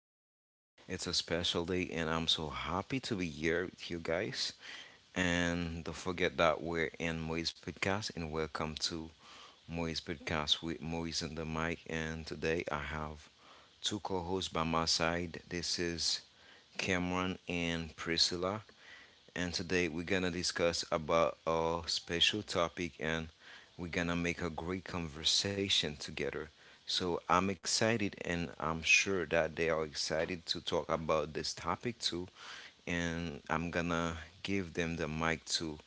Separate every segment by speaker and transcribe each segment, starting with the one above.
Speaker 1: day. It's a special day, and I'm so happy to be here with you guys. And don't forget that we're in Moise Podcast, and welcome to Moise Podcast with Moise and the mic. And today I have two co hosts by my side. This is Cameron and Priscilla, and today we're gonna discuss about our special topic, and we're gonna make a great conversation together. So I'm excited, and I'm sure that they are excited to talk about this topic too, and I'm gonna give them the mic to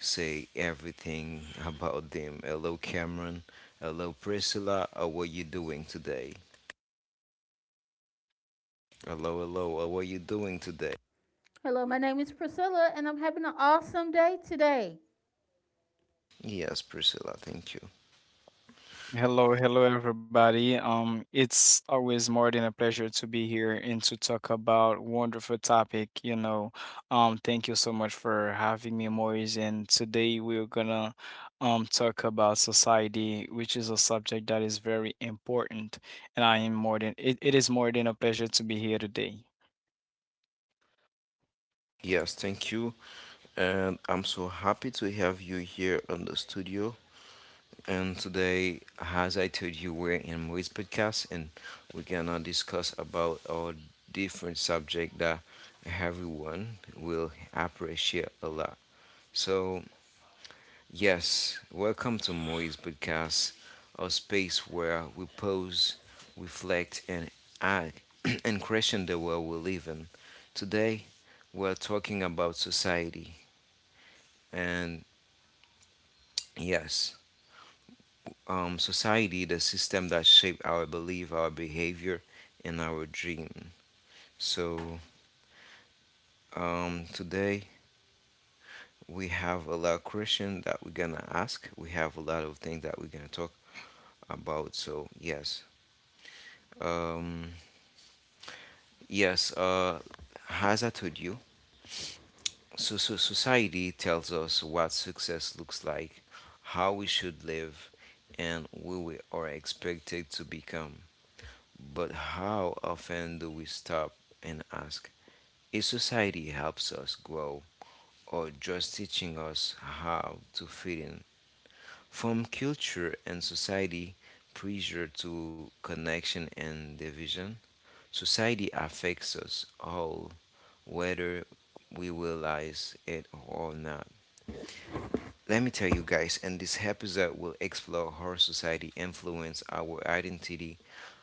Speaker 1: say everything about them. Hello Cameron, hello Priscilla, how are you doing today? Hello, hello, how are you doing today?
Speaker 2: Hello, my name is Priscilla, and I'm having an awesome day today.
Speaker 1: Yes, Priscilla, thank you.
Speaker 3: Hello, hello everybody. It's always more than a pleasure to be here and to talk about wonderful topic, you know. Thank you so much for having me, Maurice. And today we're gonna talk about society, which is a subject that is very important. And I am more than it is more than a pleasure to be here today.
Speaker 1: Yes, thank you. And I'm so happy to have you here on the studio. And today, as I told you, we're in Maurice Podcast, and we're gonna discuss about our different subject that everyone will appreciate a lot. So, yes, welcome to Moise Podcast, a space where we pause, reflect, and act and question the world we live in. Today, we're talking about society, and yes, society, the system that shape our belief, our behavior, and our dream. So today we have a lot of questions that we're gonna ask. We have a lot of things that we're gonna talk about. So yes. Um, yes. Uh, as I told you, so society tells us what success looks like, how we should live, and who we are expected to become. But how often do we stop and ask? A society helps us grow or just teaching us how to fit in. From culture and society pressure to connection and division, society affects us all, whether we realize it or not. Let me tell you guys, in this episode, we'll explore how society influences our identity,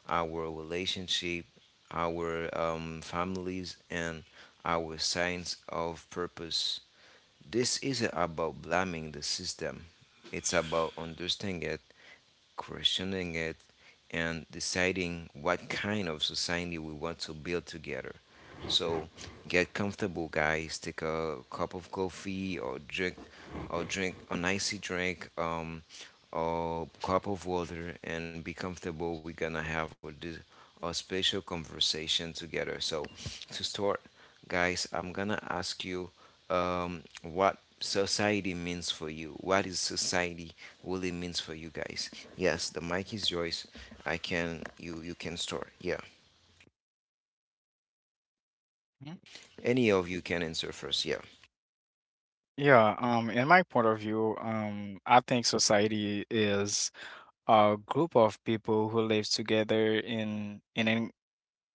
Speaker 1: our relationship, our families, and our sense of purpose. This isn't about blaming the system, it's about understanding it, questioning it, and deciding what kind of society we want to build together. So get comfortable, guys. Take a cup of coffee or drink an icy drink, or cup of water, and be comfortable. We're gonna have a special conversation together. So to start, guys, I'm gonna ask you what society means for you. What is society really means for you guys? Yes, the mic is yours. I can you you can start. Yeah,
Speaker 3: Mhm.
Speaker 1: any of you can answer first. Yeah.
Speaker 3: Yeah, in my point of view, I think society is a group of people who live together in an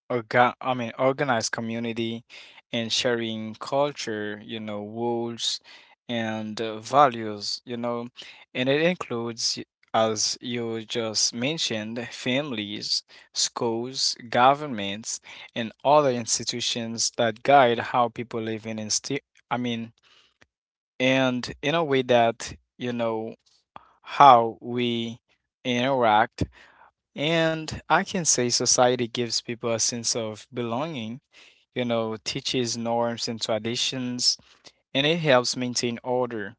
Speaker 3: organized community and sharing culture, you know, rules and values, you know, and it includes, as you just mentioned, families, schools, governments, and other institutions that guide how people live in, insti- I mean, and in a way that, you know, how we interact. And I can say society gives people a sense of belonging, you know, teaches norms and traditions, and it helps maintain order.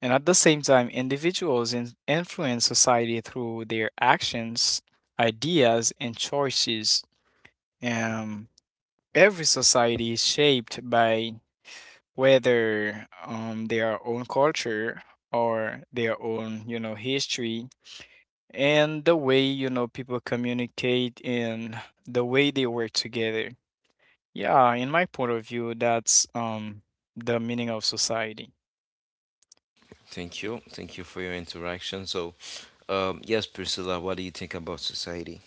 Speaker 3: And at the same time, individuals influence society through their actions, ideas, and choices. Um, every society is shaped by whether their own culture or their own, you know, history and the way, you know, people communicate and the way they work together. Yeah, in my point of view, that's the meaning of society.
Speaker 1: Thank you. Thank you for your interaction. So, yes, Priscilla, what do you think about society?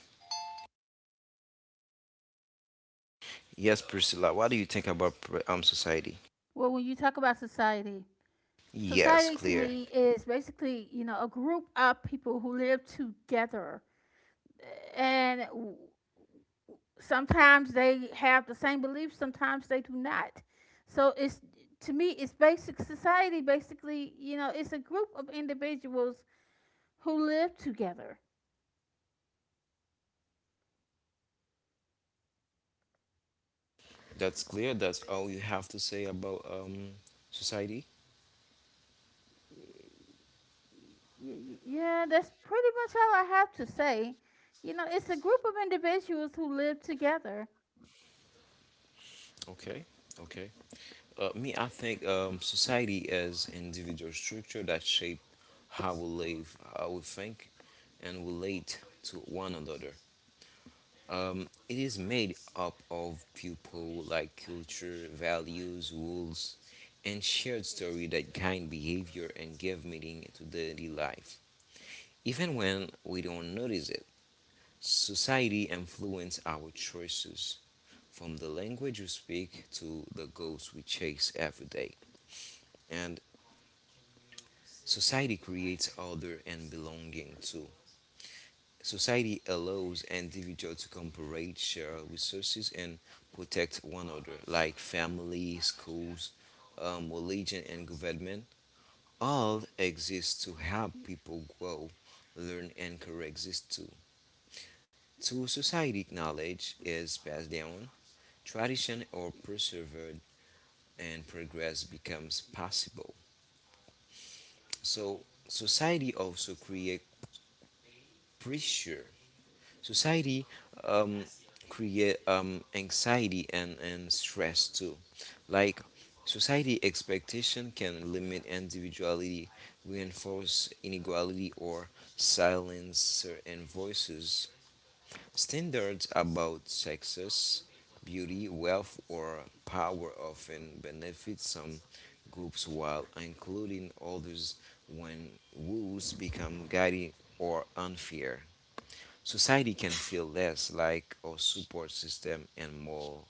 Speaker 1: Yes, Priscilla, what do you think about society?
Speaker 2: Well, when you talk about society,
Speaker 1: Yes,
Speaker 2: society to
Speaker 1: clear.
Speaker 2: me is basically, you know, a group of people who live together. And sometimes they have the same beliefs, sometimes they do not. So it's to me, it's basic society basically, you know, it's a group of individuals who live together.
Speaker 1: That's clear. That's all you have to say about society?
Speaker 2: Yeah, that's pretty much all I have to say. You know, it's a group of individuals who live together.
Speaker 1: Okay, okay. Me, I think society is individual structure that shape how we live, how we think, and relate to one another. It is made up of people like culture, values, rules, and shared story that guide behavior and give meaning to daily life. Even when we don't notice it, society influence our choices from the language we speak to the goals we chase every day. And society creates order and belonging too. Society allows individuals to cooperate, share resources, and protect one another, like family, schools, religion, and government. All exist to help people grow, learn, and coexist too. Through society, knowledge is passed down, tradition or persevered, and progress becomes possible. So society also create pressure. Society um, create anxiety and stress too. Like society expectation can limit individuality, reinforce inequality, or silence certain voices. Standards about success, beauty, wealth, or power often benefit some groups while including others when rules become guiding or unfair. Society can feel less like a support system and more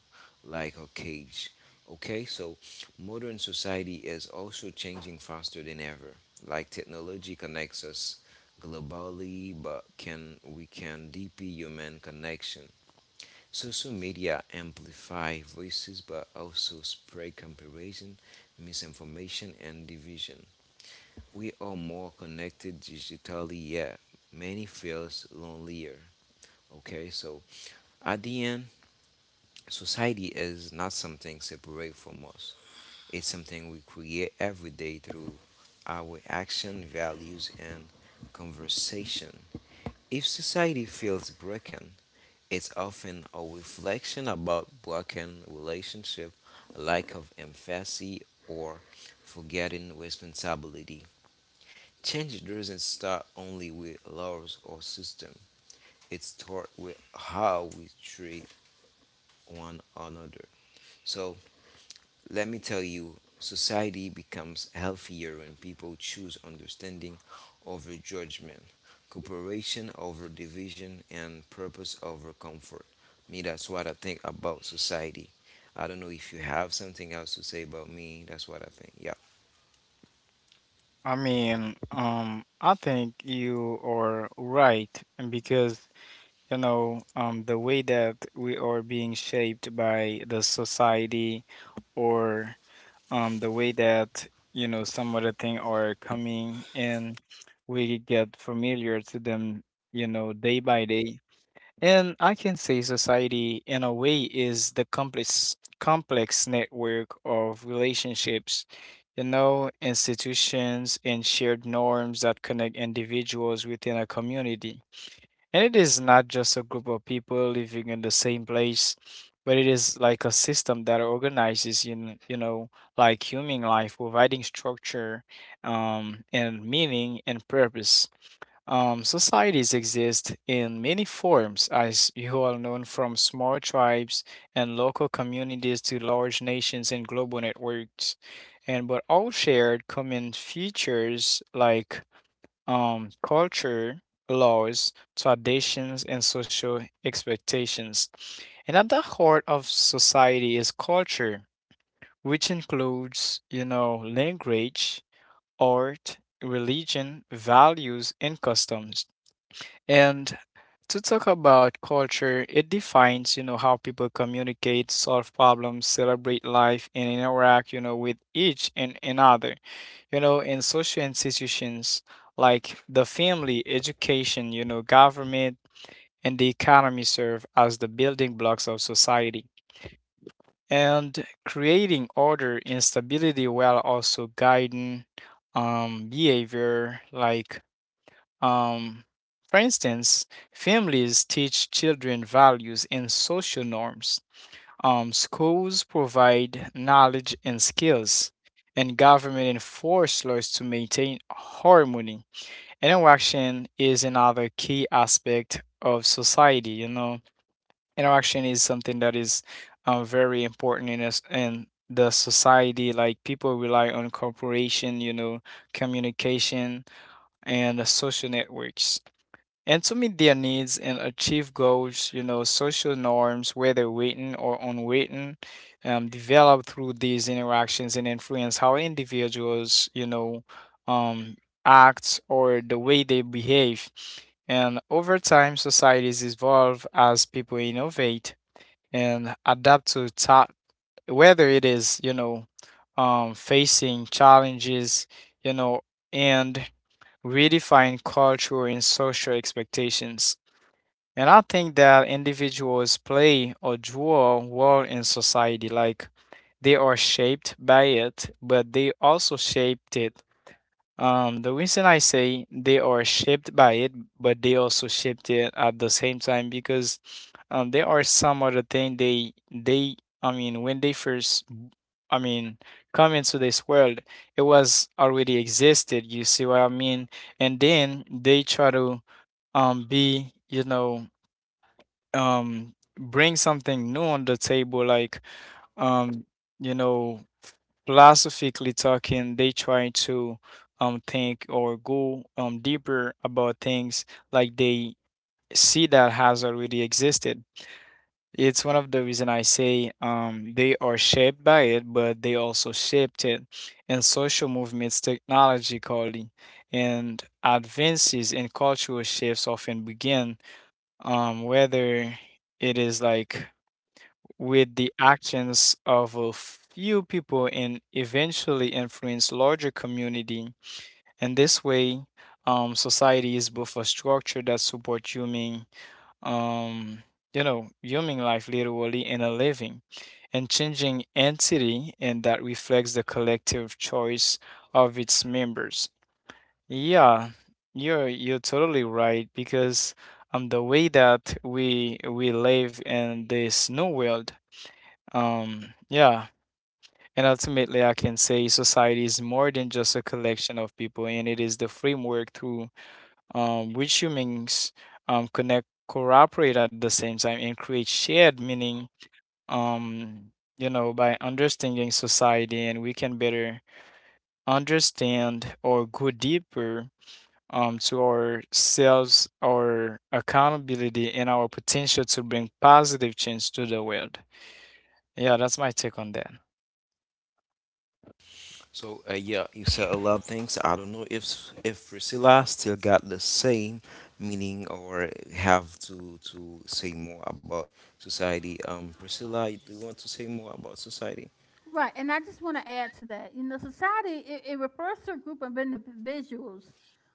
Speaker 1: like a cage. Okay, so modern society is also changing faster than ever. Like technology connects us globally, but can we can deepen human connection? Social media amplify voices, but also spread comparison, misinformation, and division. We are more connected digitally, yet many feels lonelier. Okay, so at the end, society is not something separate from us. It's something we create every day through our action, values, and conversation. If society feels broken, it's often a reflection about broken relationship, lack of empathy, or forgetting responsibility. Change doesn't start only with laws or system. It starts with how we treat one another. So let me tell you, society becomes healthier when people choose understanding over judgment, cooperation over division, and purpose over comfort. Me, that's what I think about society. I don't know if you have something else to say about me. That's what I think. Yeah.
Speaker 3: I mean, I think you are right, and because you know, the way that we are being shaped by the society or the way that, you know, some other thing are coming and we get familiar to them, you know, day by day. And I can say society, in a way, is the complex network of relationships, you know, institutions, and shared norms that connect individuals within a community. And it is not just a group of people living in the same place, but it is like a system that organizes, you know, like human life, providing structure, and meaning and purpose. Societies exist in many forms, as you all know, from small tribes and local communities to large nations and global networks, and but all shared common features like culture, laws, traditions, and social expectations. And at the heart of society is culture, which includes, you know, language, art, religion, values, and customs. And to talk about culture, it defines, you know, how people communicate, solve problems, celebrate life, and interact, you know, with each and another. You know, in social institutions like the family, education, you know, government, and the economy serve as the building blocks of society. And creating order and stability while also guiding behavior like um, for instance, families teach children values and social norms. Schools provide knowledge and skills, and government enforce laws to maintain harmony. Interaction is another key aspect of society. You know, interaction is something that is very important in us in the society. Like people rely on cooperation, you know, communication, and social networks. And to meet their needs and achieve goals, you know, social norms, whether written or unwritten, develop through these interactions and influence how individuals, you know, um, act or the way they behave. And over time, societies evolve as people innovate and adapt whether it is, you know, facing challenges, you know, and redefine cultural and social expectations. And I think that individuals play a dual role in society. Like they are shaped by it, but they also shaped it. The reason I say they are shaped by it but they also shaped it at the same time, because there are some other thing they I mean when they first I mean come into this world, it was already existed. You see what I mean? And then they try to be, you know, bring something new on the table, like um you know, philosophically talking, they try to think or go deeper about things, like they see that has already existed. It's one of the reason I say they are shaped by it but they also shaped it. In social movements, technologically and advances in cultural shifts often begin, whether it is, like, with the actions of a few people, and eventually influence larger community. And this way, society is both a structure that supports human, um, you know, human life literally, in a living and changing entity, and that reflects the collective choice of its members. Yeah, you're totally right, because the way that we live in this new world, um, yeah, and ultimately, I can say society is more than just a collection of people, and it is the framework through which humans connect, cooperate at the same time, and create shared meaning. Um, you know, by understanding society, and we can better understand or go deeper to ourselves, our accountability, and our potential to bring positive change to the world. Yeah, that's my take on that.
Speaker 1: So yeah, you said a lot of things. I don't know if Priscilla still got the same meaning or have to say more about society. Priscilla, do you want to say more about society?
Speaker 2: Right, and I just want to add to that. You know, society it refers to a group of individuals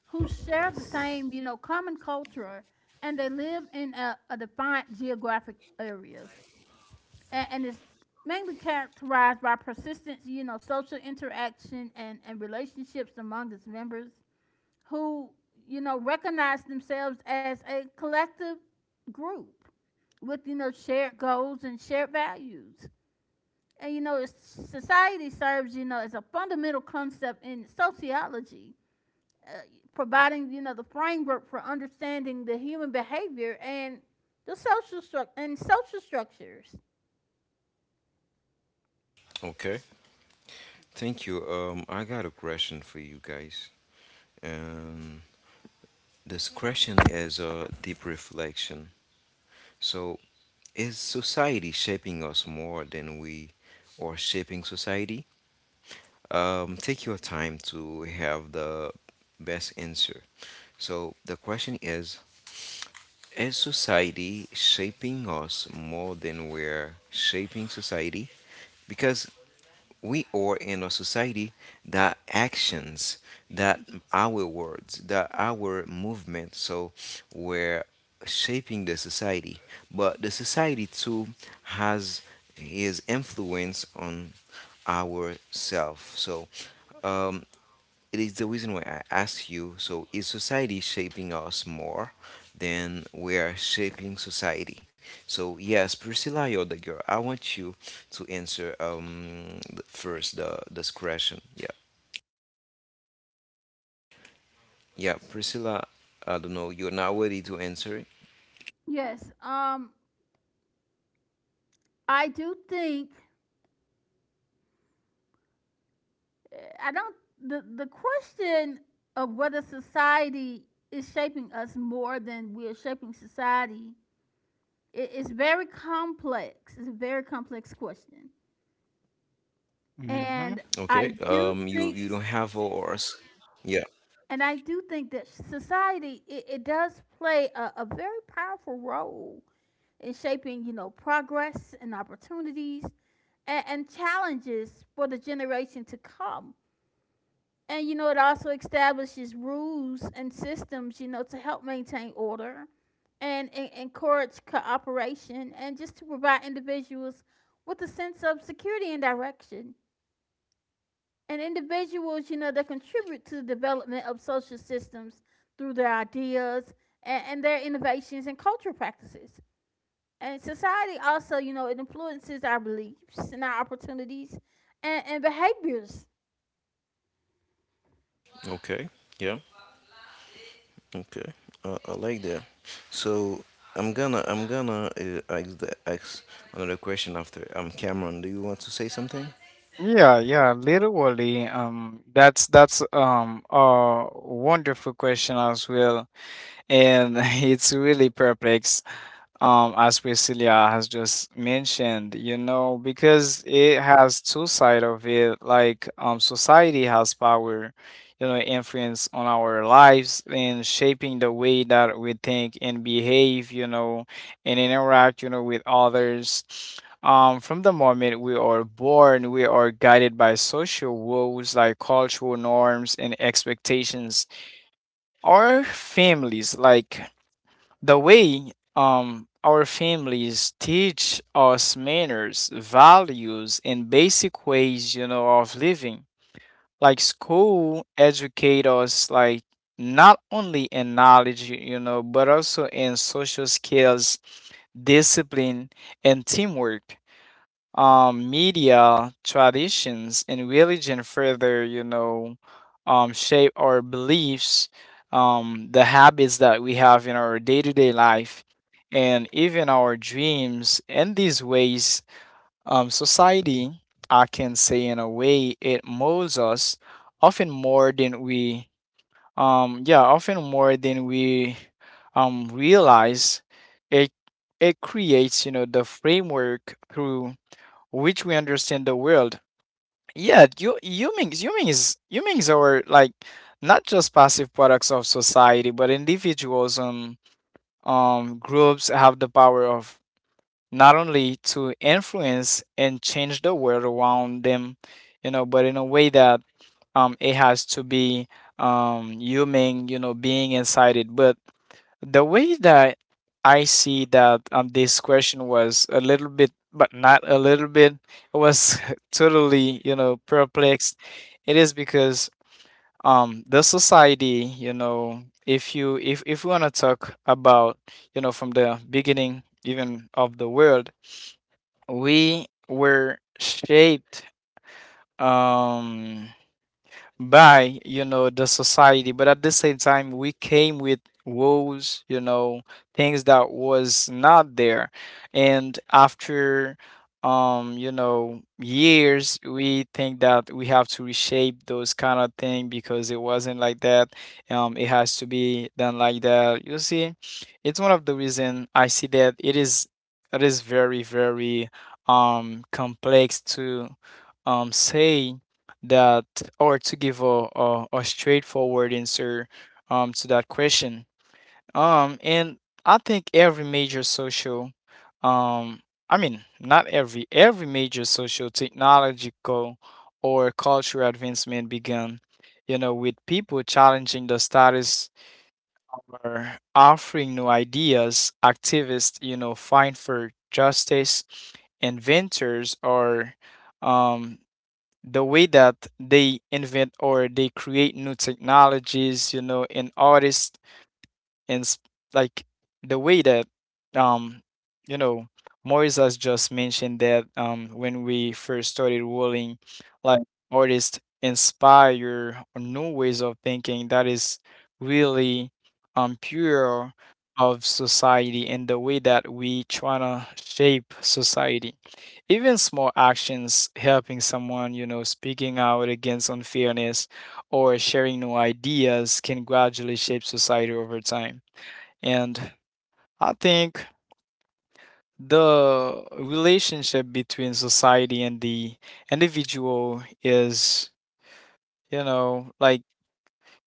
Speaker 2: who share the same, you know, common culture, and they live in a defined geographic area, and it's mainly characterized by persistence, you know, social interaction and relationships among its members, who, you know, recognize themselves as a collective group with, you know, shared goals and shared values. And, you know, society serves, you know, as a fundamental concept in sociology, uh, providing, you know, the framework for understanding the human behavior and the social structures.
Speaker 1: Okay, thank you. I got a question for you guys. Um, this question is a deep reflection. So, is society shaping us more than we are shaping society? Take your time to have the best answer. So the question is society shaping us more than we're shaping society? Because we are in a society that actions, that our words, that our movement, so we're shaping the society. But the society too has his influence on ourself. So um, it is the reason why I ask you. So, is society shaping us more than we are shaping society? So, yes, Priscilla, you're the girl. I want you to answer the- first the this question. Yeah, yeah, Priscilla. I don't know. You're not ready to answer it.
Speaker 2: Yes, I do think I don't the question of whether society is shaping us more than we are shaping society is very complex. It's a very complex question, and I
Speaker 1: Okay.
Speaker 2: do
Speaker 1: You
Speaker 2: think
Speaker 1: you don't have ours. Yeah.
Speaker 2: I do think that society it does play a very powerful role in shaping, you know, progress and opportunities and challenges for the generation to come. And you know, it also establishes rules and systems, you know, to help maintain order and encourage cooperation and just to provide individuals with a sense of security and direction. And individuals, you know, that contribute to the development of social systems through their ideas and their innovations and cultural practices. And society also, you know, it influences our beliefs and our opportunities and behaviors.
Speaker 1: Okay. Yeah. Okay, I like that. So I'm gonna ask the ask another question after. Cameron, do you want to say something?
Speaker 3: Yeah, yeah, literally. That's a wonderful question as well. And it's really perplex, as Priscilla has just mentioned, you know, because it has two sides of it. Like society has power, you know, influence on our lives, and shaping the way that we think and behave, you know, and interact, you know, with others. From the moment we are born, we are guided by social rules like cultural norms and expectations. Our families, like the way, our families teach us manners, values, and basic ways, you know, of living. Like school educate us, like not only in knowledge, you know, but also in social skills, discipline, and teamwork. Media, traditions, and religion further, you know, shape our beliefs, the habits that we have in our day to day life, and even our dreams. In these ways, society, I can say, in a way, it molds us often more than we, yeah, often more than we realize. It it creates, you know, the framework through which we understand the world. Yeah, you humans humans humans are like not just passive products of society, but individuals and groups have the power of not only to influence and change the world around them, you know, but in a way that it has to be human, you know, being inside it. But the way that I see that, this question was a little bit, but not a little bit, it was totally, you know, perplexed. It is because the society, you know, if you if we want to talk about, you know, from the beginning even of the world, we were shaped. Um, by, you know, the society, but at the same time we came with woes, you know, things that was not there. And after, you know, years, we think that we have to reshape those kind of thing, because it wasn't like that, it has to be done like that, you see. It's one of the reason I see that it is very, very complex to say that, or to give a straightforward answer to that question. And I think every major social, um, I mean, not every, every major social, technological, or cultural advancement began, you know, with people challenging the status or offering new ideas. Activists, you know, fight for justice, inventors, or um, the way that they invent or they create new technologies, you know, and artists and s- like the way that, um you know, Morris has just mentioned, that when we first started rolling, like artists inspire new ways of thinking that is really pure of society and the way that we try to shape society. Even small actions, helping someone, you know, speaking out against unfairness, or sharing new ideas, can gradually shape society over time. And I think the relationship between society and the individual is, you know, like,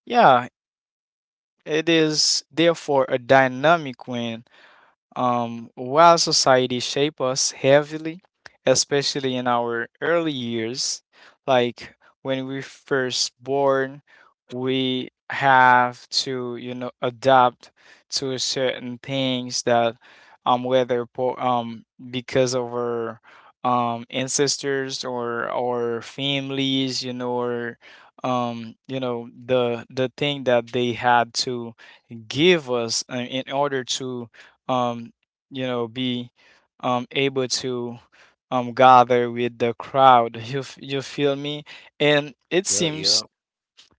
Speaker 3: yeah, it is therefore a dynamic one. While society shapes us heavily, especially in our early years, like when we first born, we have to, you know, adapt to certain things that, whether po because of our ancestors or our families, you know, or you know, the thing that they had to give us in order to um, you know, be able to gather with the crowd. You you feel me? And it
Speaker 1: Yeah, yeah.
Speaker 3: seems,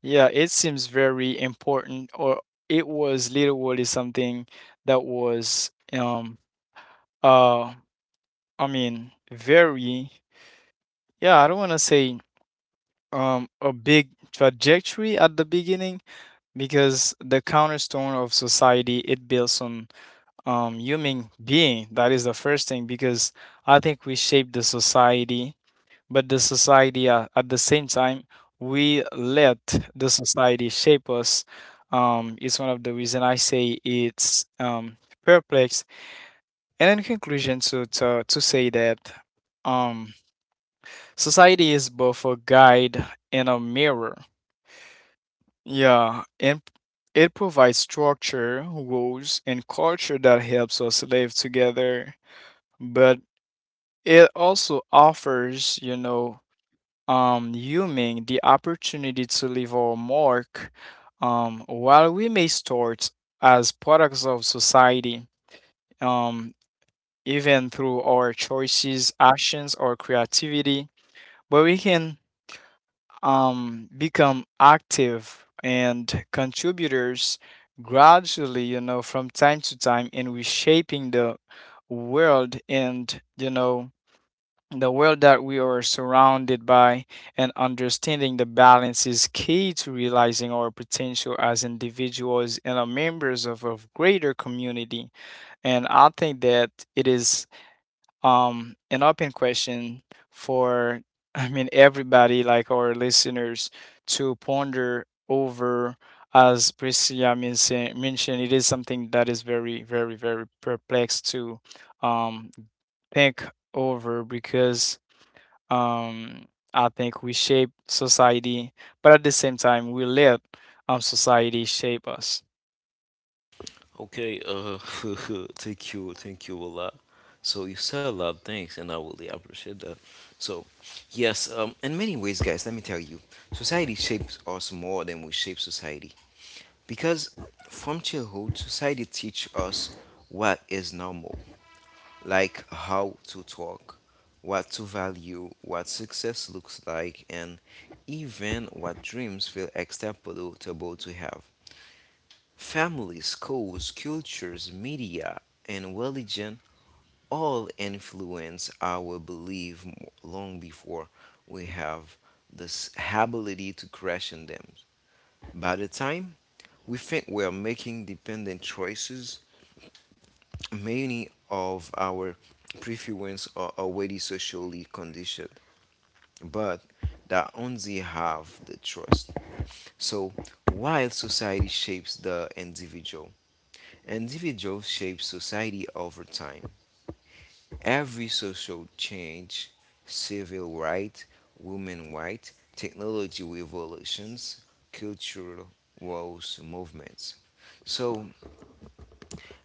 Speaker 3: yeah, it seems very important, or it was literally something that was, uh, very, yeah, I don't want to say a big trajectory at the beginning, because the cornerstone of society, it builds on human being. That is the first thing, because I think we shape the society, but the society, at the same time, we let the society shape us. It's one of the reason I say it's perplex. And in conclusion, to say that um, society is both a guide and a mirror. Yeah, and it provides structure, rules, and culture that helps us live together. But it also offers, human the opportunity to leave our mark. While we may start as products of society, um, even through our choices, actions, or creativity, but we can become active and contributors gradually, from time to time in reshaping the world and the world that we are surrounded by, and understanding the balance is key to realizing our potential as individuals and are members of a greater community. And I think that it is an open question for everybody like our listeners to ponder over. As Priscilla mentioned, it is something that is very, very, very perplexed to um, think over because um, I think we shape society, but at the same time, we let society shape us.
Speaker 1: Okay, thank you a lot. So you said a lot of things, and I really appreciate that. So, yes. In many ways, guys, let me tell you, society shapes us more than we shape society because from childhood, society teaches us what is normal, like how to talk, what to value, what success looks like, and even what dreams feel acceptable to have. Family, schools, cultures, media, and religion all influence our belief long before we have this ability to question them. By the time we think we are making dependent choices, many of our preferences are already socially conditioned, but that only have the trust. So, while society shapes the individual, individual shapes society over time. Every social change, civil rights, women rights, technology revolutions, cultural wars movements. So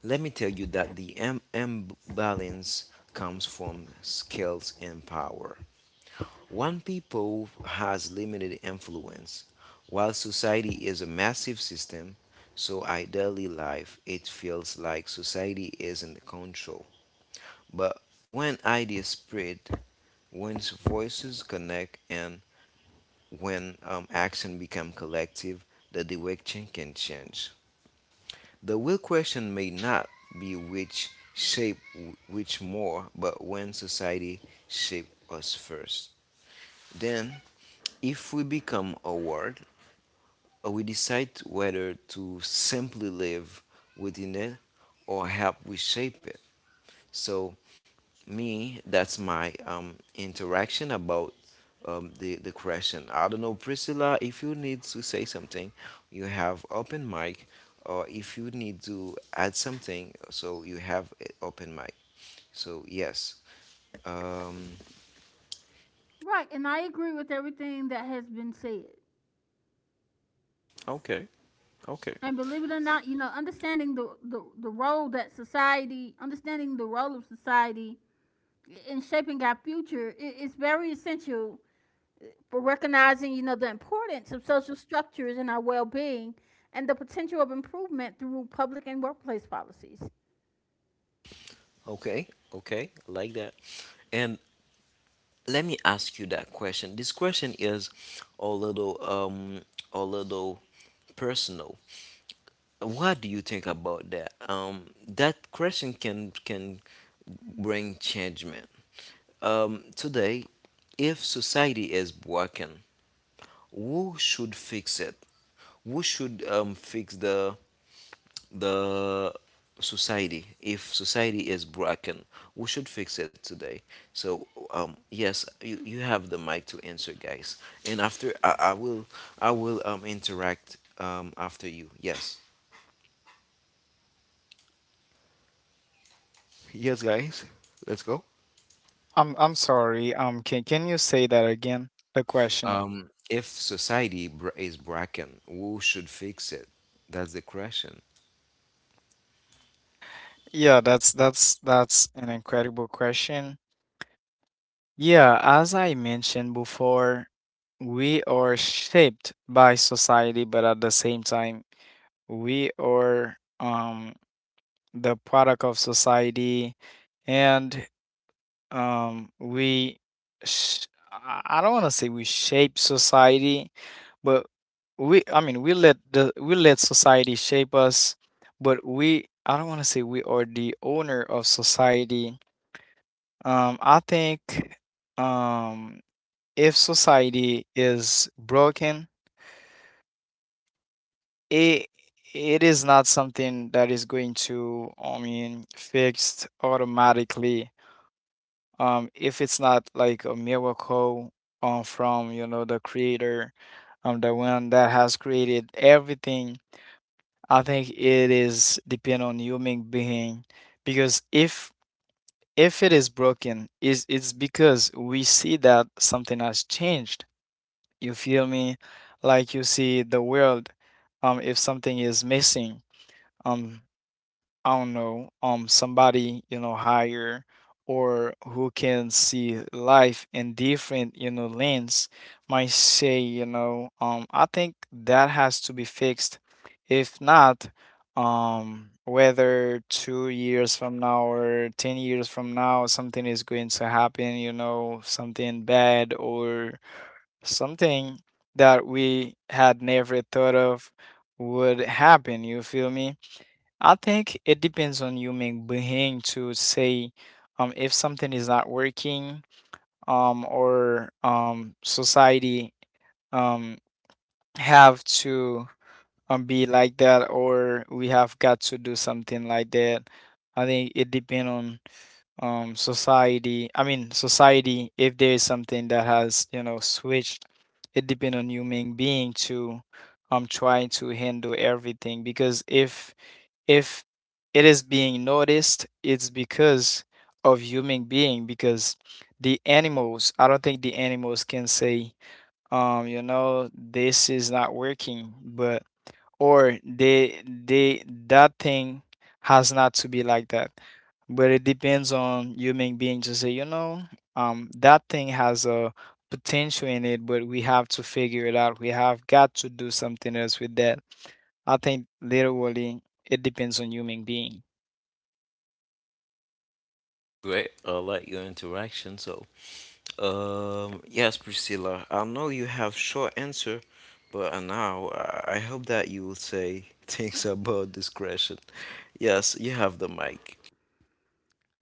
Speaker 1: let me tell you that the imbalance comes from skills and power. One people has limited influence, while society is a massive system. So ideally, life it feels like society is in control. But when ideas spread, when voices connect, and when action become collective, the direction can change. The real question may not be which shape which more, but when society shaped us first. Then, if we become aware, we decide whether to simply live within it or help reshape it. So, me that's my interaction about the question. I don't know, Priscilla, if you need to say something. You have open mic, or if you need to add something, so you have a open mic. So yes. um
Speaker 2: Right, and I agree with everything that has been said.
Speaker 1: Okay. Okay.
Speaker 2: And believe it or not, you know, understanding the role that society, understanding the role of society in shaping our future is very essential for recognizing, you know, the importance of social structures in our well being and the potential of improvement through public and workplace policies.
Speaker 1: Okay, okay, I like that. And let me ask you that question. This question is a little um a little personal. What do you think about that? That question can bring changement. Today, if society is broken, who should fix it? Who should fix the society? If society is broken, who should fix it today? So yes, you have the mic to answer, guys. And after I will interact after you. Yes. Yes, guys, let's go.
Speaker 3: I'm sorry. Can you say that again? The question.
Speaker 1: If society is broken, who should fix it? That's the question.
Speaker 3: Yeah, that's an incredible question. Yeah, as I mentioned before, we are shaped by society, but at the same time, we are the product of society, and we sh- I don't want to say we shape society, but we we let the we let society shape us, but we I don't want to say we are the owner of society. I think um if society is broken, it it is not something that is going to fixed automatically, if it's not like a miracle from the creator, the one that has created everything. I think it is depend on human being because if it is broken, is it's because we see that something has changed. You feel me? Like you see the world, if something is missing. Um, I don't know, somebody, you know, higher or who can see life in different, you know, lens might say, you know, I think that has to be fixed. If not, whether 2 years from now or 10 years from now, something is going to happen, you know, something bad or something that we had never thought of would happen. You feel me? I think it depends on human being to say if something is not working, or society um, have to be like that, or we have got to do something like that. I think it depends on society. I mean, society, if there is something that has, you know, switched, it depends on human being to try to handle everything because if it is being noticed, it's because of human being because the animals, I don't think the animals can say, you know, this is not working, but or they that thing has not to be like that, but it depends on human being to say, you know, that thing has a potential in it, but we have to figure it out. We have got to do something else with that. I think literally it depends on human being.
Speaker 1: Great, I like your interaction. So, yes, Priscilla, I know you have short answer, but now I hope that you will say things about this question. Yes, you have the mic.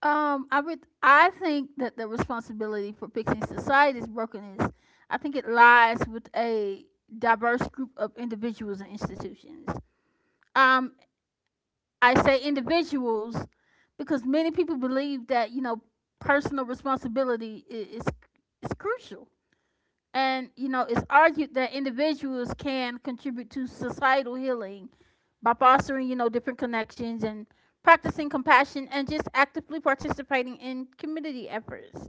Speaker 2: I I think that the responsibility for fixing society's brokenness, I think it lies with a diverse group of individuals and institutions. Um, I say individuals because many people believe that, you know, personal responsibility is crucial, and you know it's argued that individuals can contribute to societal healing by fostering, you know, different connections and practicing compassion and just actively participating in community efforts.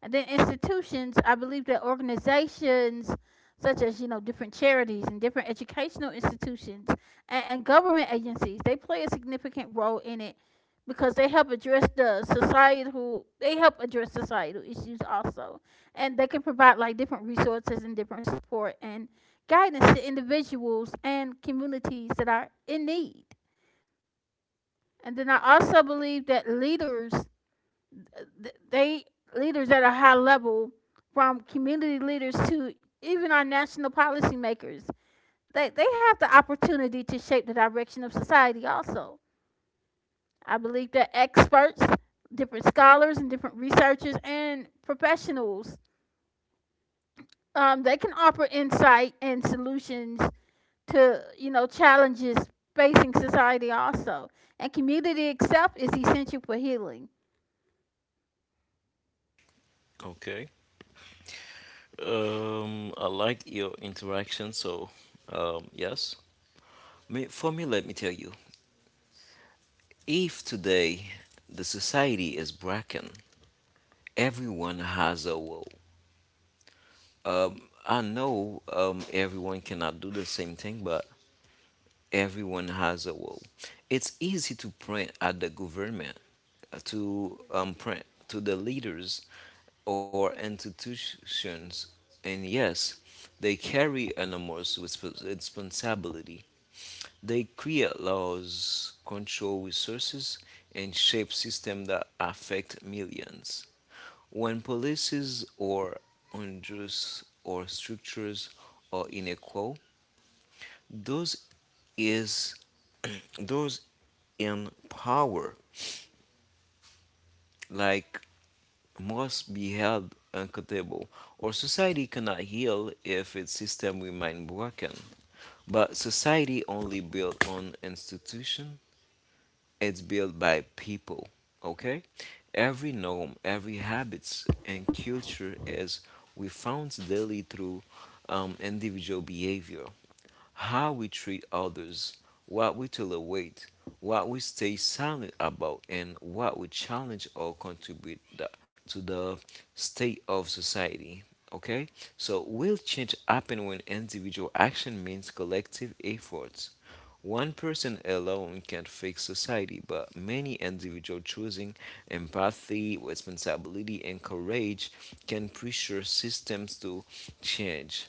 Speaker 2: And then institutions, I believe that organizations such as, you know, different charities and different educational institutions and government agencies, they play a significant role in it because they help address they help address societal issues also. And they can provide like different resources and different support and guidance to individuals and communities that are in need. And then I also believe that leaders th- they leaders at a high level, from community leaders to even our national policymakers, they have the opportunity to shape the direction of society also. I believe that experts, different scholars and different researchers and professionals, they can offer insight and solutions to, you know, challenges facing society also. And community itself is essential for healing.
Speaker 1: Okay. I like your interaction. So, yes. Me, for me, let me tell you. If today the society is broken, everyone has a will. Um, I know everyone cannot do the same thing, but everyone has a wall. It's easy to print at the government, to print to the leaders or institutions, and yes, they carry enormous responsibility. They create laws, control resources, and shape systems that affect millions. When policies are unjust or structures are unequal, those is those in power like must be held accountable, or society cannot heal if its system remain broken. But society only built on institution, it's built by people. Okay, every norm, every habits and culture is we found daily through individual behavior. How we treat others, what we tolerate, what we stay silent about, and what we challenge or contribute to the state of society. Okay, so will change happen when individual action means collective efforts? One person alone can't fix society, but many individuals choosing empathy, responsibility, and courage can pressure systems to change.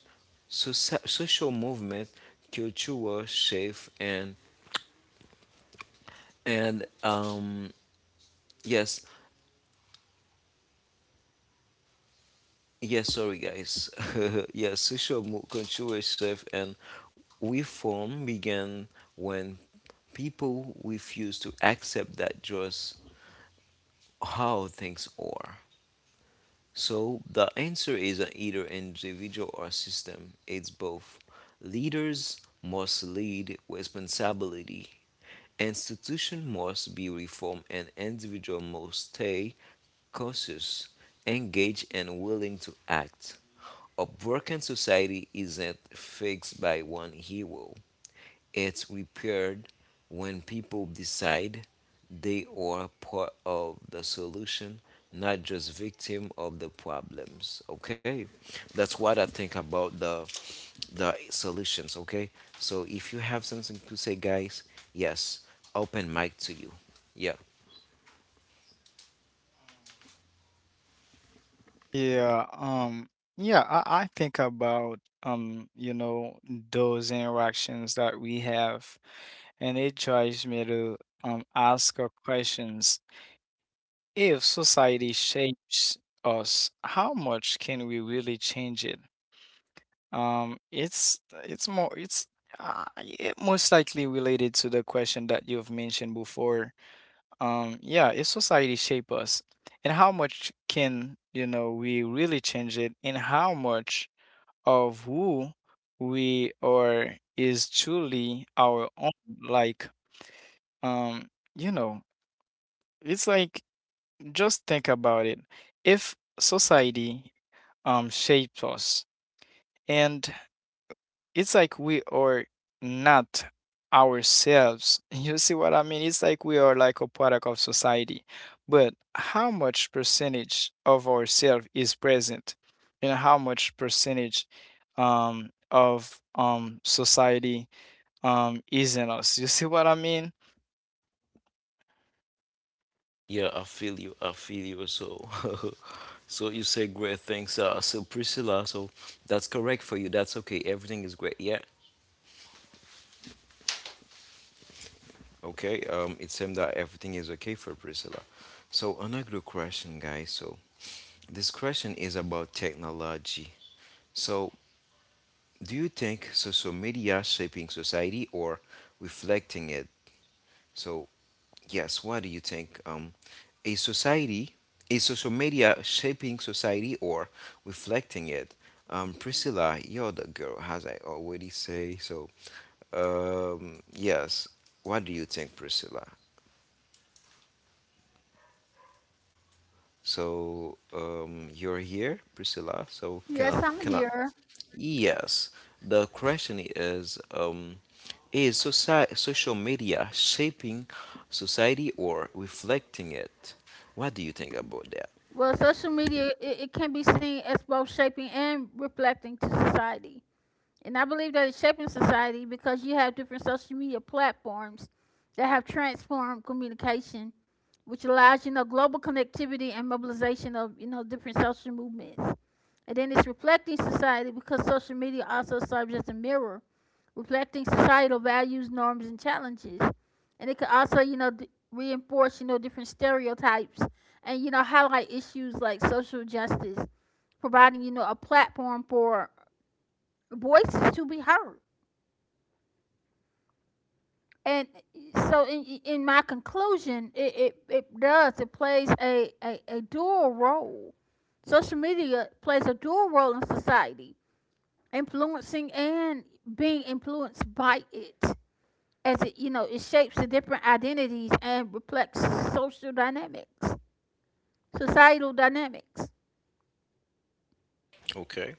Speaker 1: Social movement, cultural shift, and and yes, yes, sorry guys. Yes, social cultural shift and reform began when people refuse to accept that just how things are. So the answer is either individual or system. It's both. Leaders must lead responsibility. Institution must be reformed, and individual must stay cautious, engaged, and willing to act. A broken society isn't fixed by one hero. It's repaired when people decide they are part of the solution, not just victim of the problems. Okay, that's what I think about the solutions. Okay, so if you have something to say, guys, yes, open mic to you. Yeah.
Speaker 3: Yeah, yeah, I think about you know, those interactions that we have, and it drives me to ask her questions. If society shapes us, how much can we really change it? It's it most likely related to the question that you've mentioned before. Yeah, if society shape us, and how much can, you know, we really change it, and how much of who we are is truly our own? Like, um, you know, it's like just think about it. If society shapes us, and it's like we are not ourselves, you see what I mean? It's like we are like a product of society, but how much percentage of ourselves is present, and how much percentage of society is in us. You see what I mean?
Speaker 1: Yeah, I feel you. I feel you. So, so you say great things. So Priscilla, so that's correct for you. That's okay. Everything is great. Yeah. Okay, it seems that everything is okay for Priscilla. So another question, guys. So this question is about technology. So do you think social media shaping society or reflecting it? So yes, what do you think? A society, is social media shaping society or reflecting it? Priscilla, you're the girl, as I already say. So yes, what do you think, Priscilla? So you're here, Priscilla. So can
Speaker 2: Yes,
Speaker 1: I,
Speaker 2: I'm
Speaker 1: can I?
Speaker 2: here.
Speaker 1: Yes. The question is social media shaping society or reflecting it? What do you think about that?
Speaker 2: Well, social media it can be seen as both shaping and reflecting to society. And I believe that it's shaping society because you have different social media platforms that have transformed communication, which allows, you know, global connectivity and mobilization of, you know, different social movements. And then it's reflecting society because social media also serves as a mirror reflecting societal values, norms, and challenges. And it could also, you know, reinforce, you know, different stereotypes and, you know, highlight issues like social justice, providing, you know, a platform for voices to be heard. And so, in my conclusion, it does, it plays a dual role. Social media plays a dual role in society, influencing and being influenced by it, as it, you know, it shapes the different identities and reflects social dynamics societal dynamics.
Speaker 1: Okay.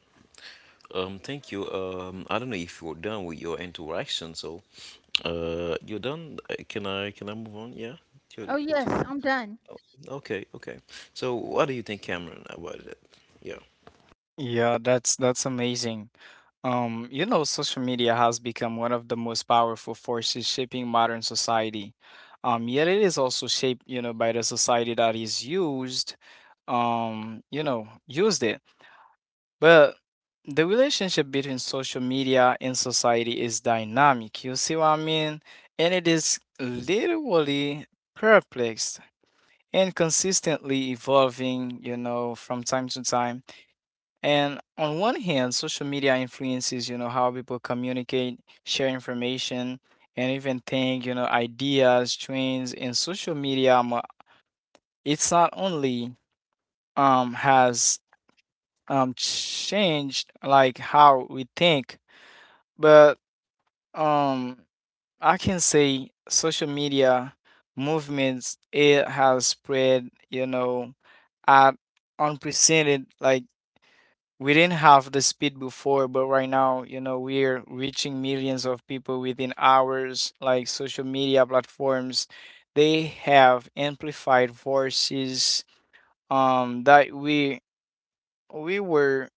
Speaker 1: Thank you. I don't know if you're done with your interaction, so you're done. Can I move on? Yeah. To,
Speaker 2: Oh yes,
Speaker 1: to,
Speaker 2: I'm done.
Speaker 1: okay, okay. So what do you think, Cameron, about it? Yeah.
Speaker 3: Yeah, that's amazing. You know, social media has become one of the most powerful forces shaping modern society. Yet it is also shaped, you know, by the society that is used, you know, used it. But the relationship between social media and society is dynamic. You see what I mean? And it is literally perplexed and consistently evolving, you know, from time to time. And on one hand, social media influences, you know, how people communicate, share information, and even think, you know, ideas, trends. And social media, it's not only has changed like how we think, but um I can say social media movements, it has spread, you know, at unprecedented, like we didn't have the speed before, but right now, you know, we're reaching millions of people within hours. Like social media platforms, they have amplified voices that we were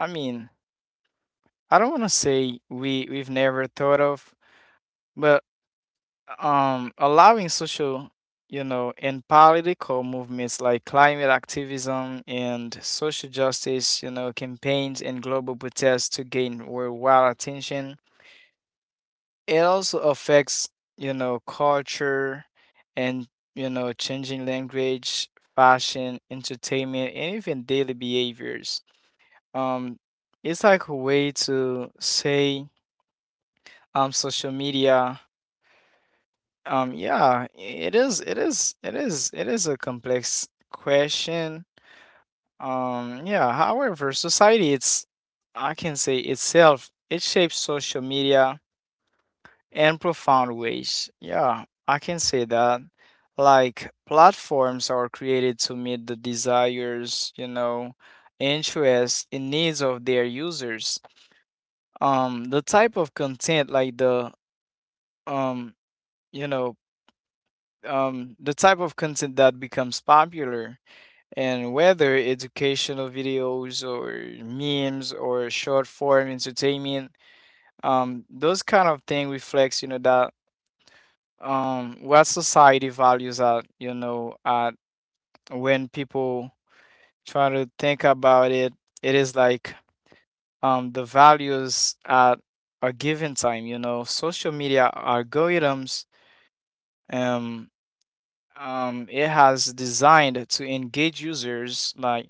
Speaker 3: I mean, I don't want to say we've never thought of, but allowing social, you know, and political movements like climate activism and social justice, you know, campaigns and global protests to gain worldwide attention. It also affects, you know, culture, and you know, changing language, fashion, entertainment, and even daily behaviors. um it's like a way to say social media. Yeah, it is a complex question. Yeah, however, society, it's, I can say, itself, it shapes social media in profound ways. Yeah, I can say that. Like, platforms are created to meet the desires, you know, interests and needs of their users. The type of content, like the, um, you know, the type of content that becomes popular, and whether educational videos or memes or short form entertainment, those kind of thing reflects, you know, that what society values at, you know, at when people try to think about it, it is like the values at a given time. You know, social media algorithms, um, it has designed to engage users, like,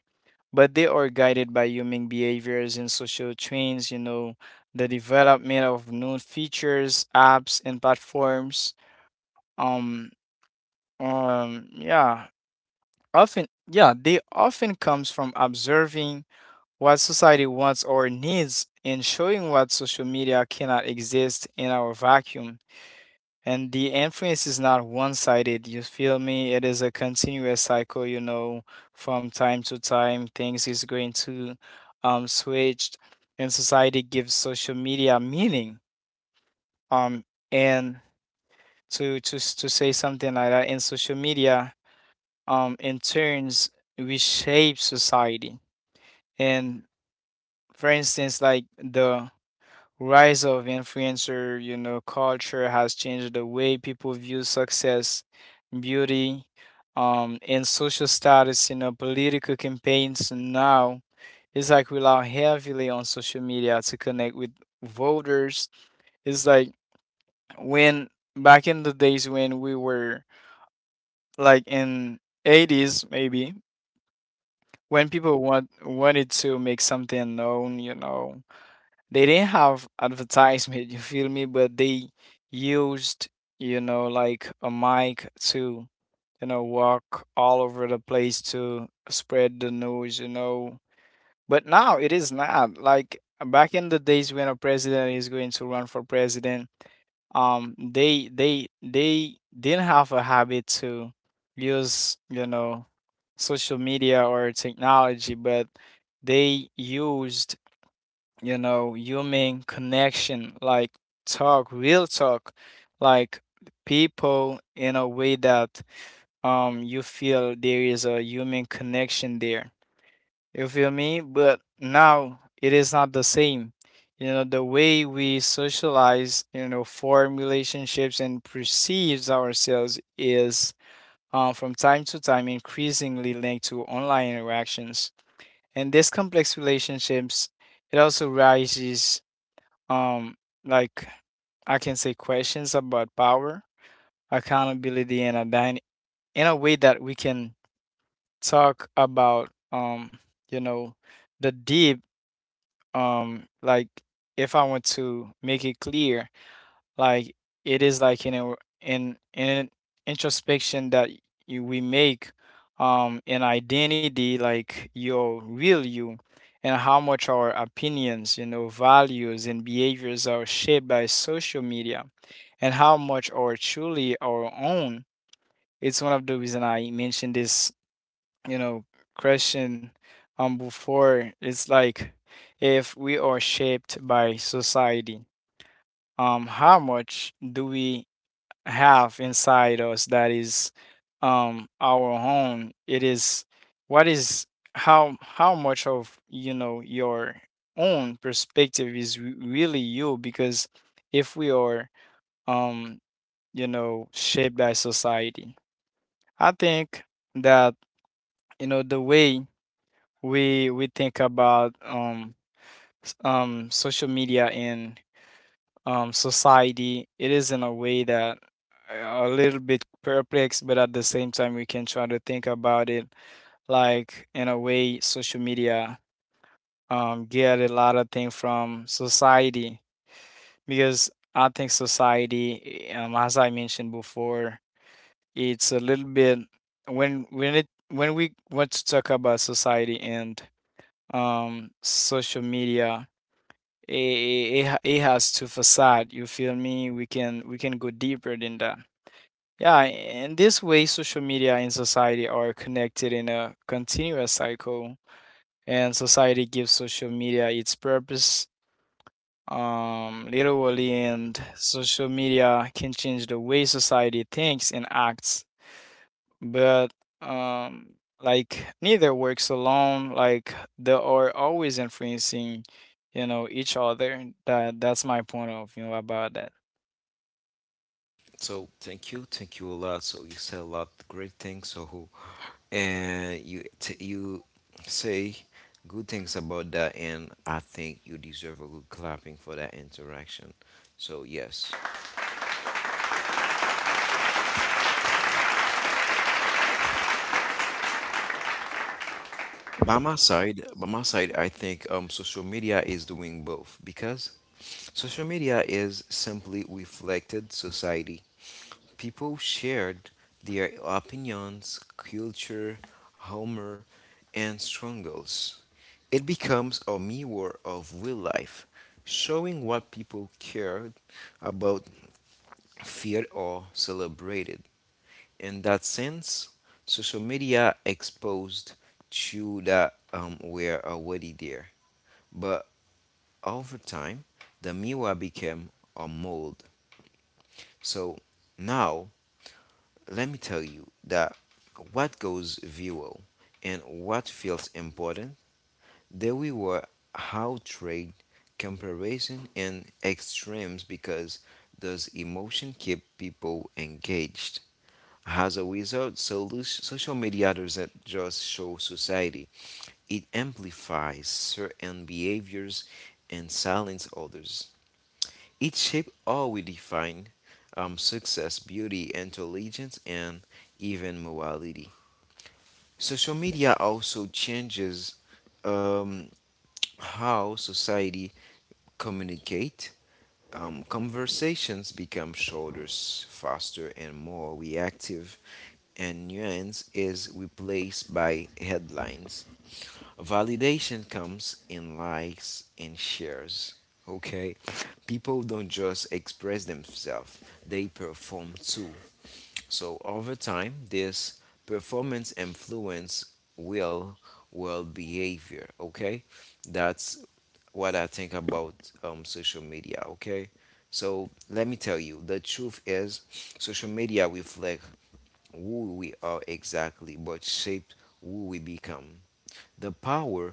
Speaker 3: but they are guided by human behaviors and social trends. You know, the development of new features, apps, and platforms, um yeah, often yeah they often comes from observing what society wants or needs, and showing what social media cannot exist in our vacuum. And the influence is not one-sided, you feel me? It is a continuous cycle, you know, from time to time things is going to switch, and society gives social media meaning. Um and To say something like that, in social media, in turns reshape society. And for instance, like the rise of influencer, you know, culture has changed the way people view success, beauty, and social status. You know, political campaigns now, it's like rely heavily on social media to connect with voters. It's like when back in the days when we were like in 80's maybe, when people wanted to make something known, you know, they didn't have advertisement, you feel me? But they used, you know, like a mic to, you know, walk all over the place to spread the news, you know. But now it is not like back in the days when a president is going to run for president, they didn't have a habit to use, you know, social media or technology, but they used, you know, human connection, like talk, real talk, like people in a way that you feel there is a human connection there. You feel me? But now it is not the same. You know, the way we socialize, you know, form relationships and perceives ourselves is from time to time increasingly linked to online interactions. And these complex relationships, it also rises um like, I can say questions about power, accountability and identity, in a way that we can talk about you know the deep like, if I want to make it clear, like it is like in a in in an introspection that you we make an identity, like your real you, and how much our opinions, you know, values and behaviors are shaped by social media, and how much are truly our own. It's one of the reason I mentioned this, you know, question before. It's like if we are shaped by society, how much do we have inside us that is our home? It is what is, how much of, you know, your own perspective is really you, because if we are um you know, shaped by society, I think that, you know, the way we think about social media and society. It is in a way that a little bit perplexed, but at the same time, we can try to think about it, like, in a way social media, get a lot of things from society. Because I think society, as I mentioned before, it's a little bit, when we want to talk about society and social media, it has two facade. You feel me? We can we can go deeper than that. Yeah, in this way social media and society are connected in a continuous cycle, and society gives social media its purpose, literally, and social media can change the way society thinks and acts. But um, like, neither works alone, like they are always influencing, you know, each other. That's my point of view about that.
Speaker 1: So thank you a lot. So you said a lot of great things. So and you say good things about that, and I think you deserve a good clapping for that interaction. So yes, by my side, I think social media is doing both because social media is simply reflected society. People shared their opinions, culture, humor, and struggles. It becomes a mirror of real life, showing what people cared about, feared, or celebrated. In that sense, social media exposed to that were already there. But over time, the mirror became a mold. So now let me tell you that what goes viral and what feels important, there we were how trade comparison and extremes because those emotion keep people engaged. As a result, social media doesn't just show society; it amplifies certain behaviors and silence others. It shapes how we define success, beauty, intelligence, and even morality. Social media also changes um, how society communicate. Conversations become shorter, faster, and more reactive, and nuance is replaced by headlines. Validation comes in likes and shares. Okay, people don't just express themselves, they perform too. So, over time, this performance influence will well behavior. Okay, that's what I think about social media. Okay, so let me tell you the truth is social media reflect who we are exactly, but shape who we become. The power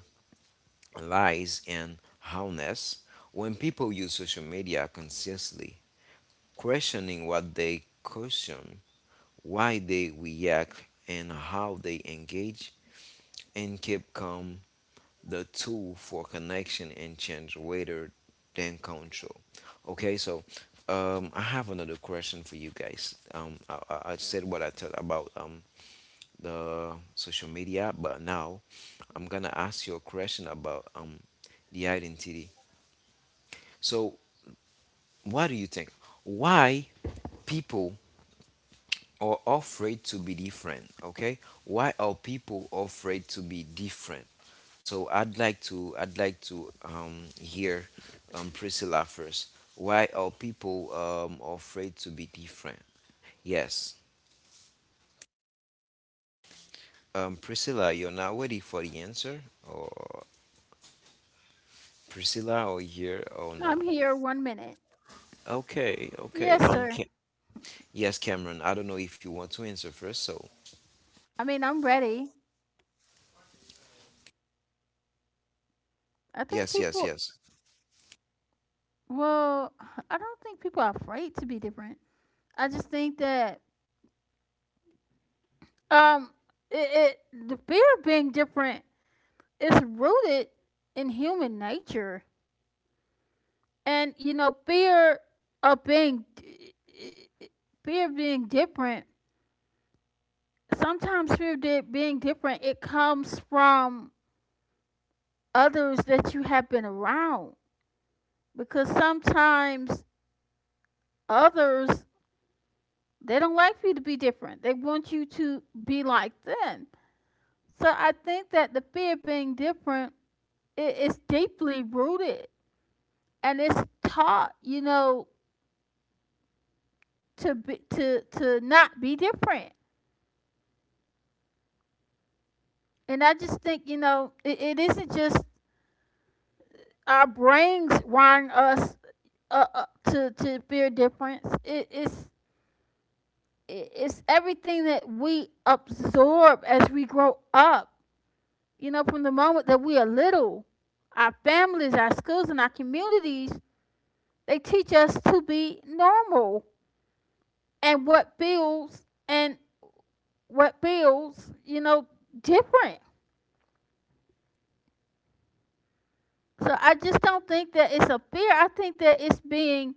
Speaker 1: lies and harmless when people use social media consciously, questioning what they consume, why they react, and how they engage, and keep calm the tool for connection and change rather than control. Okay, so I have another question for you guys. I said what I thought about the social media, but now I'm gonna ask you a question about the identity. So, what do you think? Why people are afraid to be different? Okay, why are people afraid to be different? So, I'd like to hear Priscilla first. Why are people afraid to be different? Yes, Priscilla, you're not ready for the answer, or Priscilla, or here or
Speaker 2: I'm
Speaker 1: not?
Speaker 2: here, 1 minute.
Speaker 1: Okay, okay.
Speaker 2: Yes sir,
Speaker 1: Ca- yes, Cameron. I don't know if you want to answer first. So,
Speaker 2: I mean I'm ready. I
Speaker 1: yes,
Speaker 2: think
Speaker 1: yes,
Speaker 2: people,
Speaker 1: yes.
Speaker 2: well, I don't think people are afraid to be different. I just think that um it, it the fear of being different is rooted in human nature, and you know of being fear of being different, sometimes fear of being different, it comes from others that you have been around, because sometimes others, they don't like for you to be different, they want you to be like them. So I think that the fear of being different, it is deeply rooted, and it's taught, you know, to be to not be different. And I just think, you know, it isn't just our brains wiring us to beer difference. It is, it's everything that we absorb as we grow up. You know, from the moment that we are little, our families, our schools and our communities, they teach us to be normal and what builds and what builds, you know, different. So I just don't think that it's a fear, I think that it's being,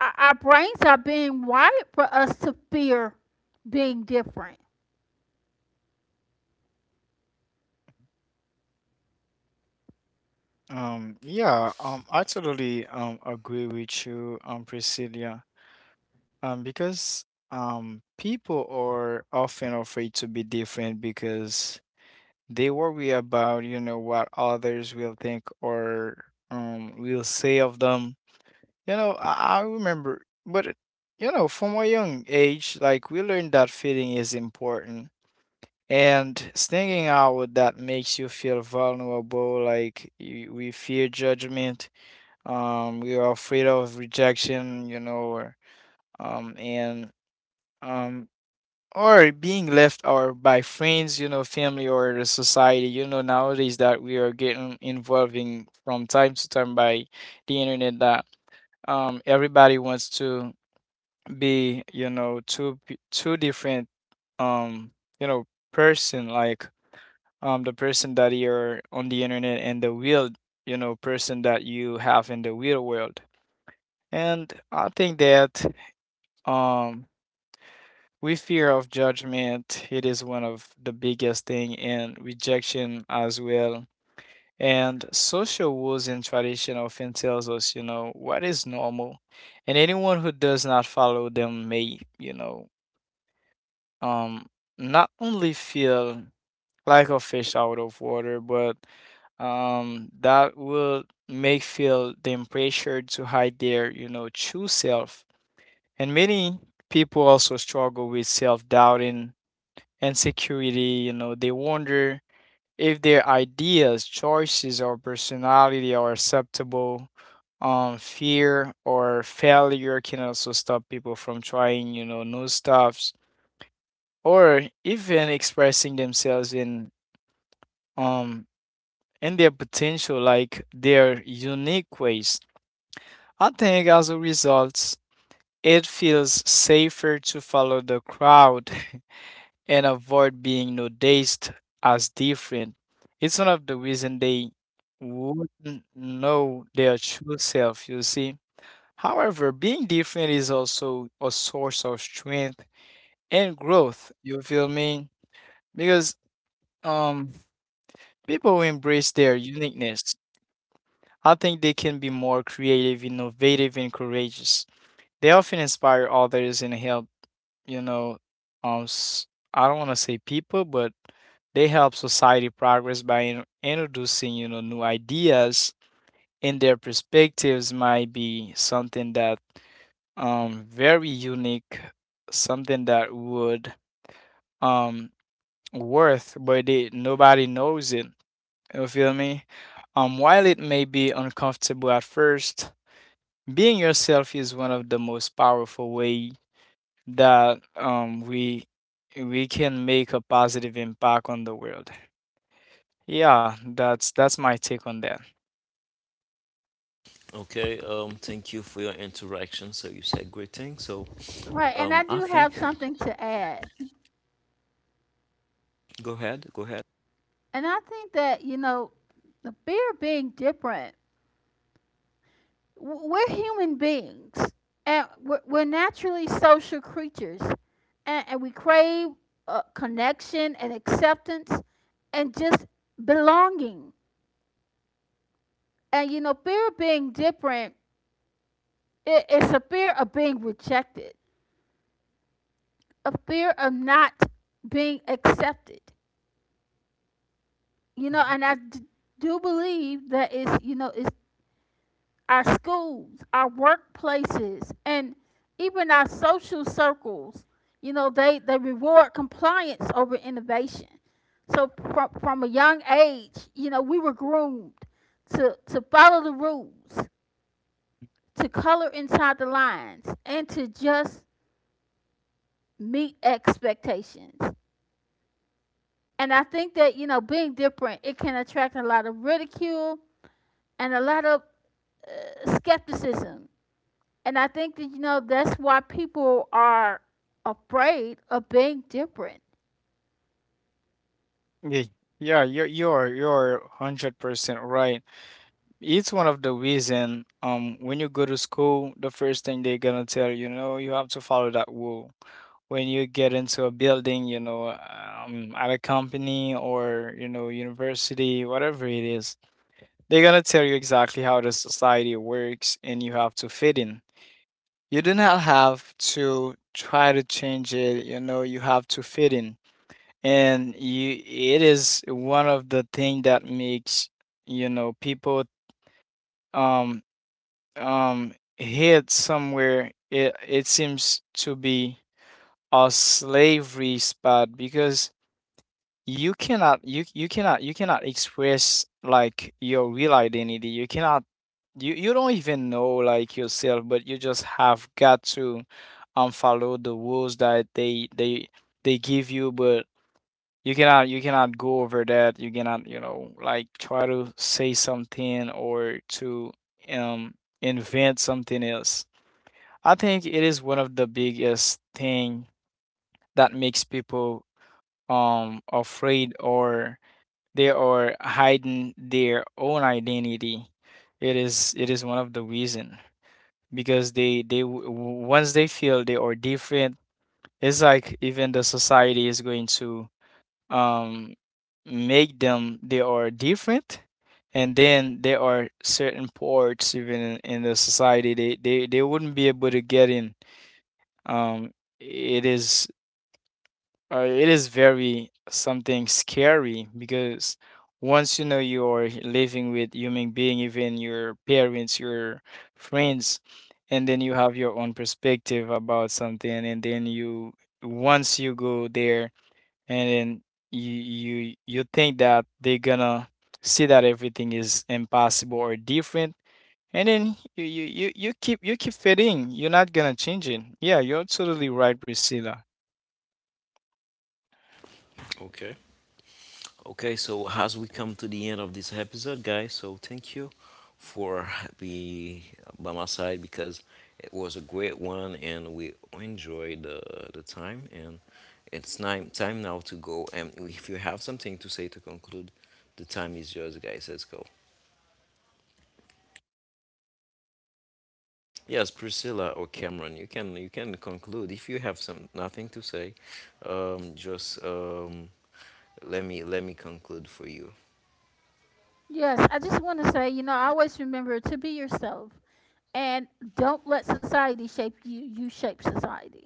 Speaker 2: our brains are being wired for us to fear being different.
Speaker 3: Yeah I totally agree with you, Priscilla. Because people are often afraid to be different because they worry about, you know, what others will think or will say of them. You know, I remember, but you know, from a young age, like, we learned that feeling is important. And stinging out that makes you feel vulnerable, like, we fear judgment, we are afraid of rejection, you know, or, and um, or being left out by friends, you know, family, or the society, you know, nowadays that we are getting involved in from time to time by the internet, that everybody wants to be, you know, two different, um, you know, person, like, the person that you're on the internet and the real, you know, person that you have in the real world. And I think that um we fear of judgment, it is one of the biggest thing, and rejection as well. And social rules and tradition often tells us, you know, what is normal. And anyone who does not follow them may, you know, um not only feel like a fish out of water, but that will make feel them pressured to hide their, you know, true self. And many people also struggle with self-doubting and security. You know, they wonder if their ideas, choices, or personality are acceptable. Fear or failure can also stop people from trying, you know, new stuffs or even expressing themselves um in their potential, like, their unique ways. I think as a result, it feels safer to follow the crowd and avoid being noticed as different. It's one of the reasons they wouldn't know their true self, you see. However, being different is also a source of strength and growth, you feel me? Because um people who embrace their uniqueness, I think they can be more creative, innovative, and courageous. They often inspire others and help, you know, um, s- I don't want to say people, but they help society progress by introducing, you know, new ideas, and their perspectives might be something that very unique, something that would um worth, but they, nobody knows it. You feel me? While it may be uncomfortable at first, being yourself is one of the most powerful ways that we can make a positive impact on the world. Yeah, that's my take on that.
Speaker 1: Okay, thank you for your interaction. So you said great things. So
Speaker 2: Right, and I
Speaker 1: I
Speaker 2: do
Speaker 1: think,
Speaker 2: have something to add.
Speaker 1: go ahead, go ahead.
Speaker 2: And I think that, you know, the fear of being different, we're human beings, and we're naturally social creatures, and we crave connection and acceptance and just belonging. And, you know, fear of being different, it's a fear of being rejected, a fear of not being accepted, you know,
Speaker 3: Mhm.
Speaker 2: and I do believe that it's, you know, it's our schools, our workplaces, and even our social circles. You know, they reward compliance over innovation. So from a young age, you know, we were groomed to follow the rules, to color inside the lines, and to just meet expectations. And I think that, you know, being different, it can attract a lot of ridicule and a lot of skepticism. And I think that, you know, that's why people are afraid of being different.
Speaker 3: Yeah, yeah, you're 100% right. It's one of the reason when you go to school, the first thing they're gonna tell you, you know, you have to follow that rule. When you get into a building, you know, at a company, or, you know, university, whatever it is, they're gonna tell you exactly how the society works and you have to fit in. You do not have to try to change it, you know, you have to fit in. And you, it is one of the things that makes, you know, people um hit somewhere. It seems to be a slavery spot, because you cannot express, like, your real identity. You you don't even know, like, yourself, but you just have got to follow the rules that they give you. But you cannot go over that. You cannot, you know, like, try to say something or to um invent something else. I think it is one of the biggest thing that makes people afraid, or they are hiding their own identity. It is one of the reason, because they once they feel they are different, it's like even the society is going to um make them they are different. And then there are certain parts even in the society they they wouldn't be able to get in. um it is it is very something scary, because once, you know, you are living with human being, even your parents, your friends, and then you have your own perspective about something, and then you, once you go there, and then you think that they're gonna see that everything is impossible or different, and then you keep fitting. You're not gonna change it. Yeah, you're totally right, Priscilla.
Speaker 1: Okay. Okay, so as we come to the end of this episode, guys, so thank you for be by my side because it was a great one and we enjoyed the time, and it's time now to go, and if you have something to say to conclude, the time is yours, guys. Let's go. Yes, Priscilla or Cameron, you can conclude if you have some nothing to say. Just let me conclude for you.
Speaker 2: Yes, I just want to say, you know, I always remember to be yourself and don't let society shape you, you shape society.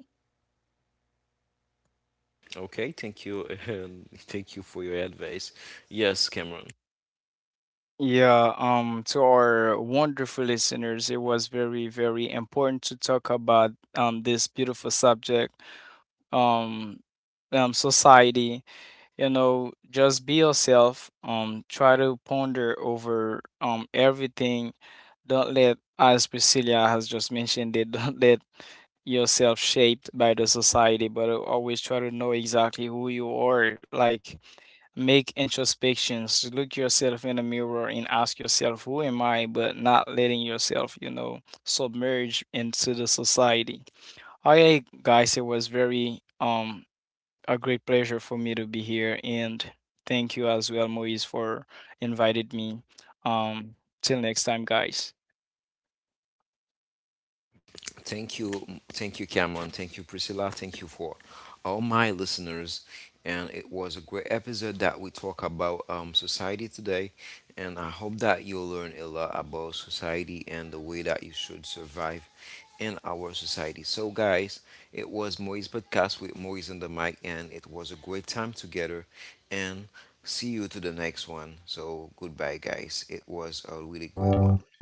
Speaker 1: Okay, thank you, and thank you for your advice. Yes, Cameron.
Speaker 3: Yeah, to our wonderful listeners, it was very, very important to talk about this beautiful subject, um, society. You know, just be yourself. Try to ponder over everything. Don't let, as Priscilla has just mentioned it, don't let yourself shaped by the society, but always try to know exactly who you are. Like, make introspections, look yourself in the mirror, and ask yourself who am I, but not letting yourself, you know, submerge into the society. All right, guys, it was very a great pleasure for me to be here, and thank you as well, Moise, for inviting me. Um, Till next time, guys.
Speaker 1: Thank you, thank you, Cameron. Thank you, Priscilla. Thank you for all my listeners. And it was a great episode that we talk about society today. And I hope that you'll learn a lot about society and the way that you should survive in our society. So, guys, it was Moise podcast with Moise on the mic, and it was a great time together. And see you to the next one. So, goodbye, guys. It was a really great one.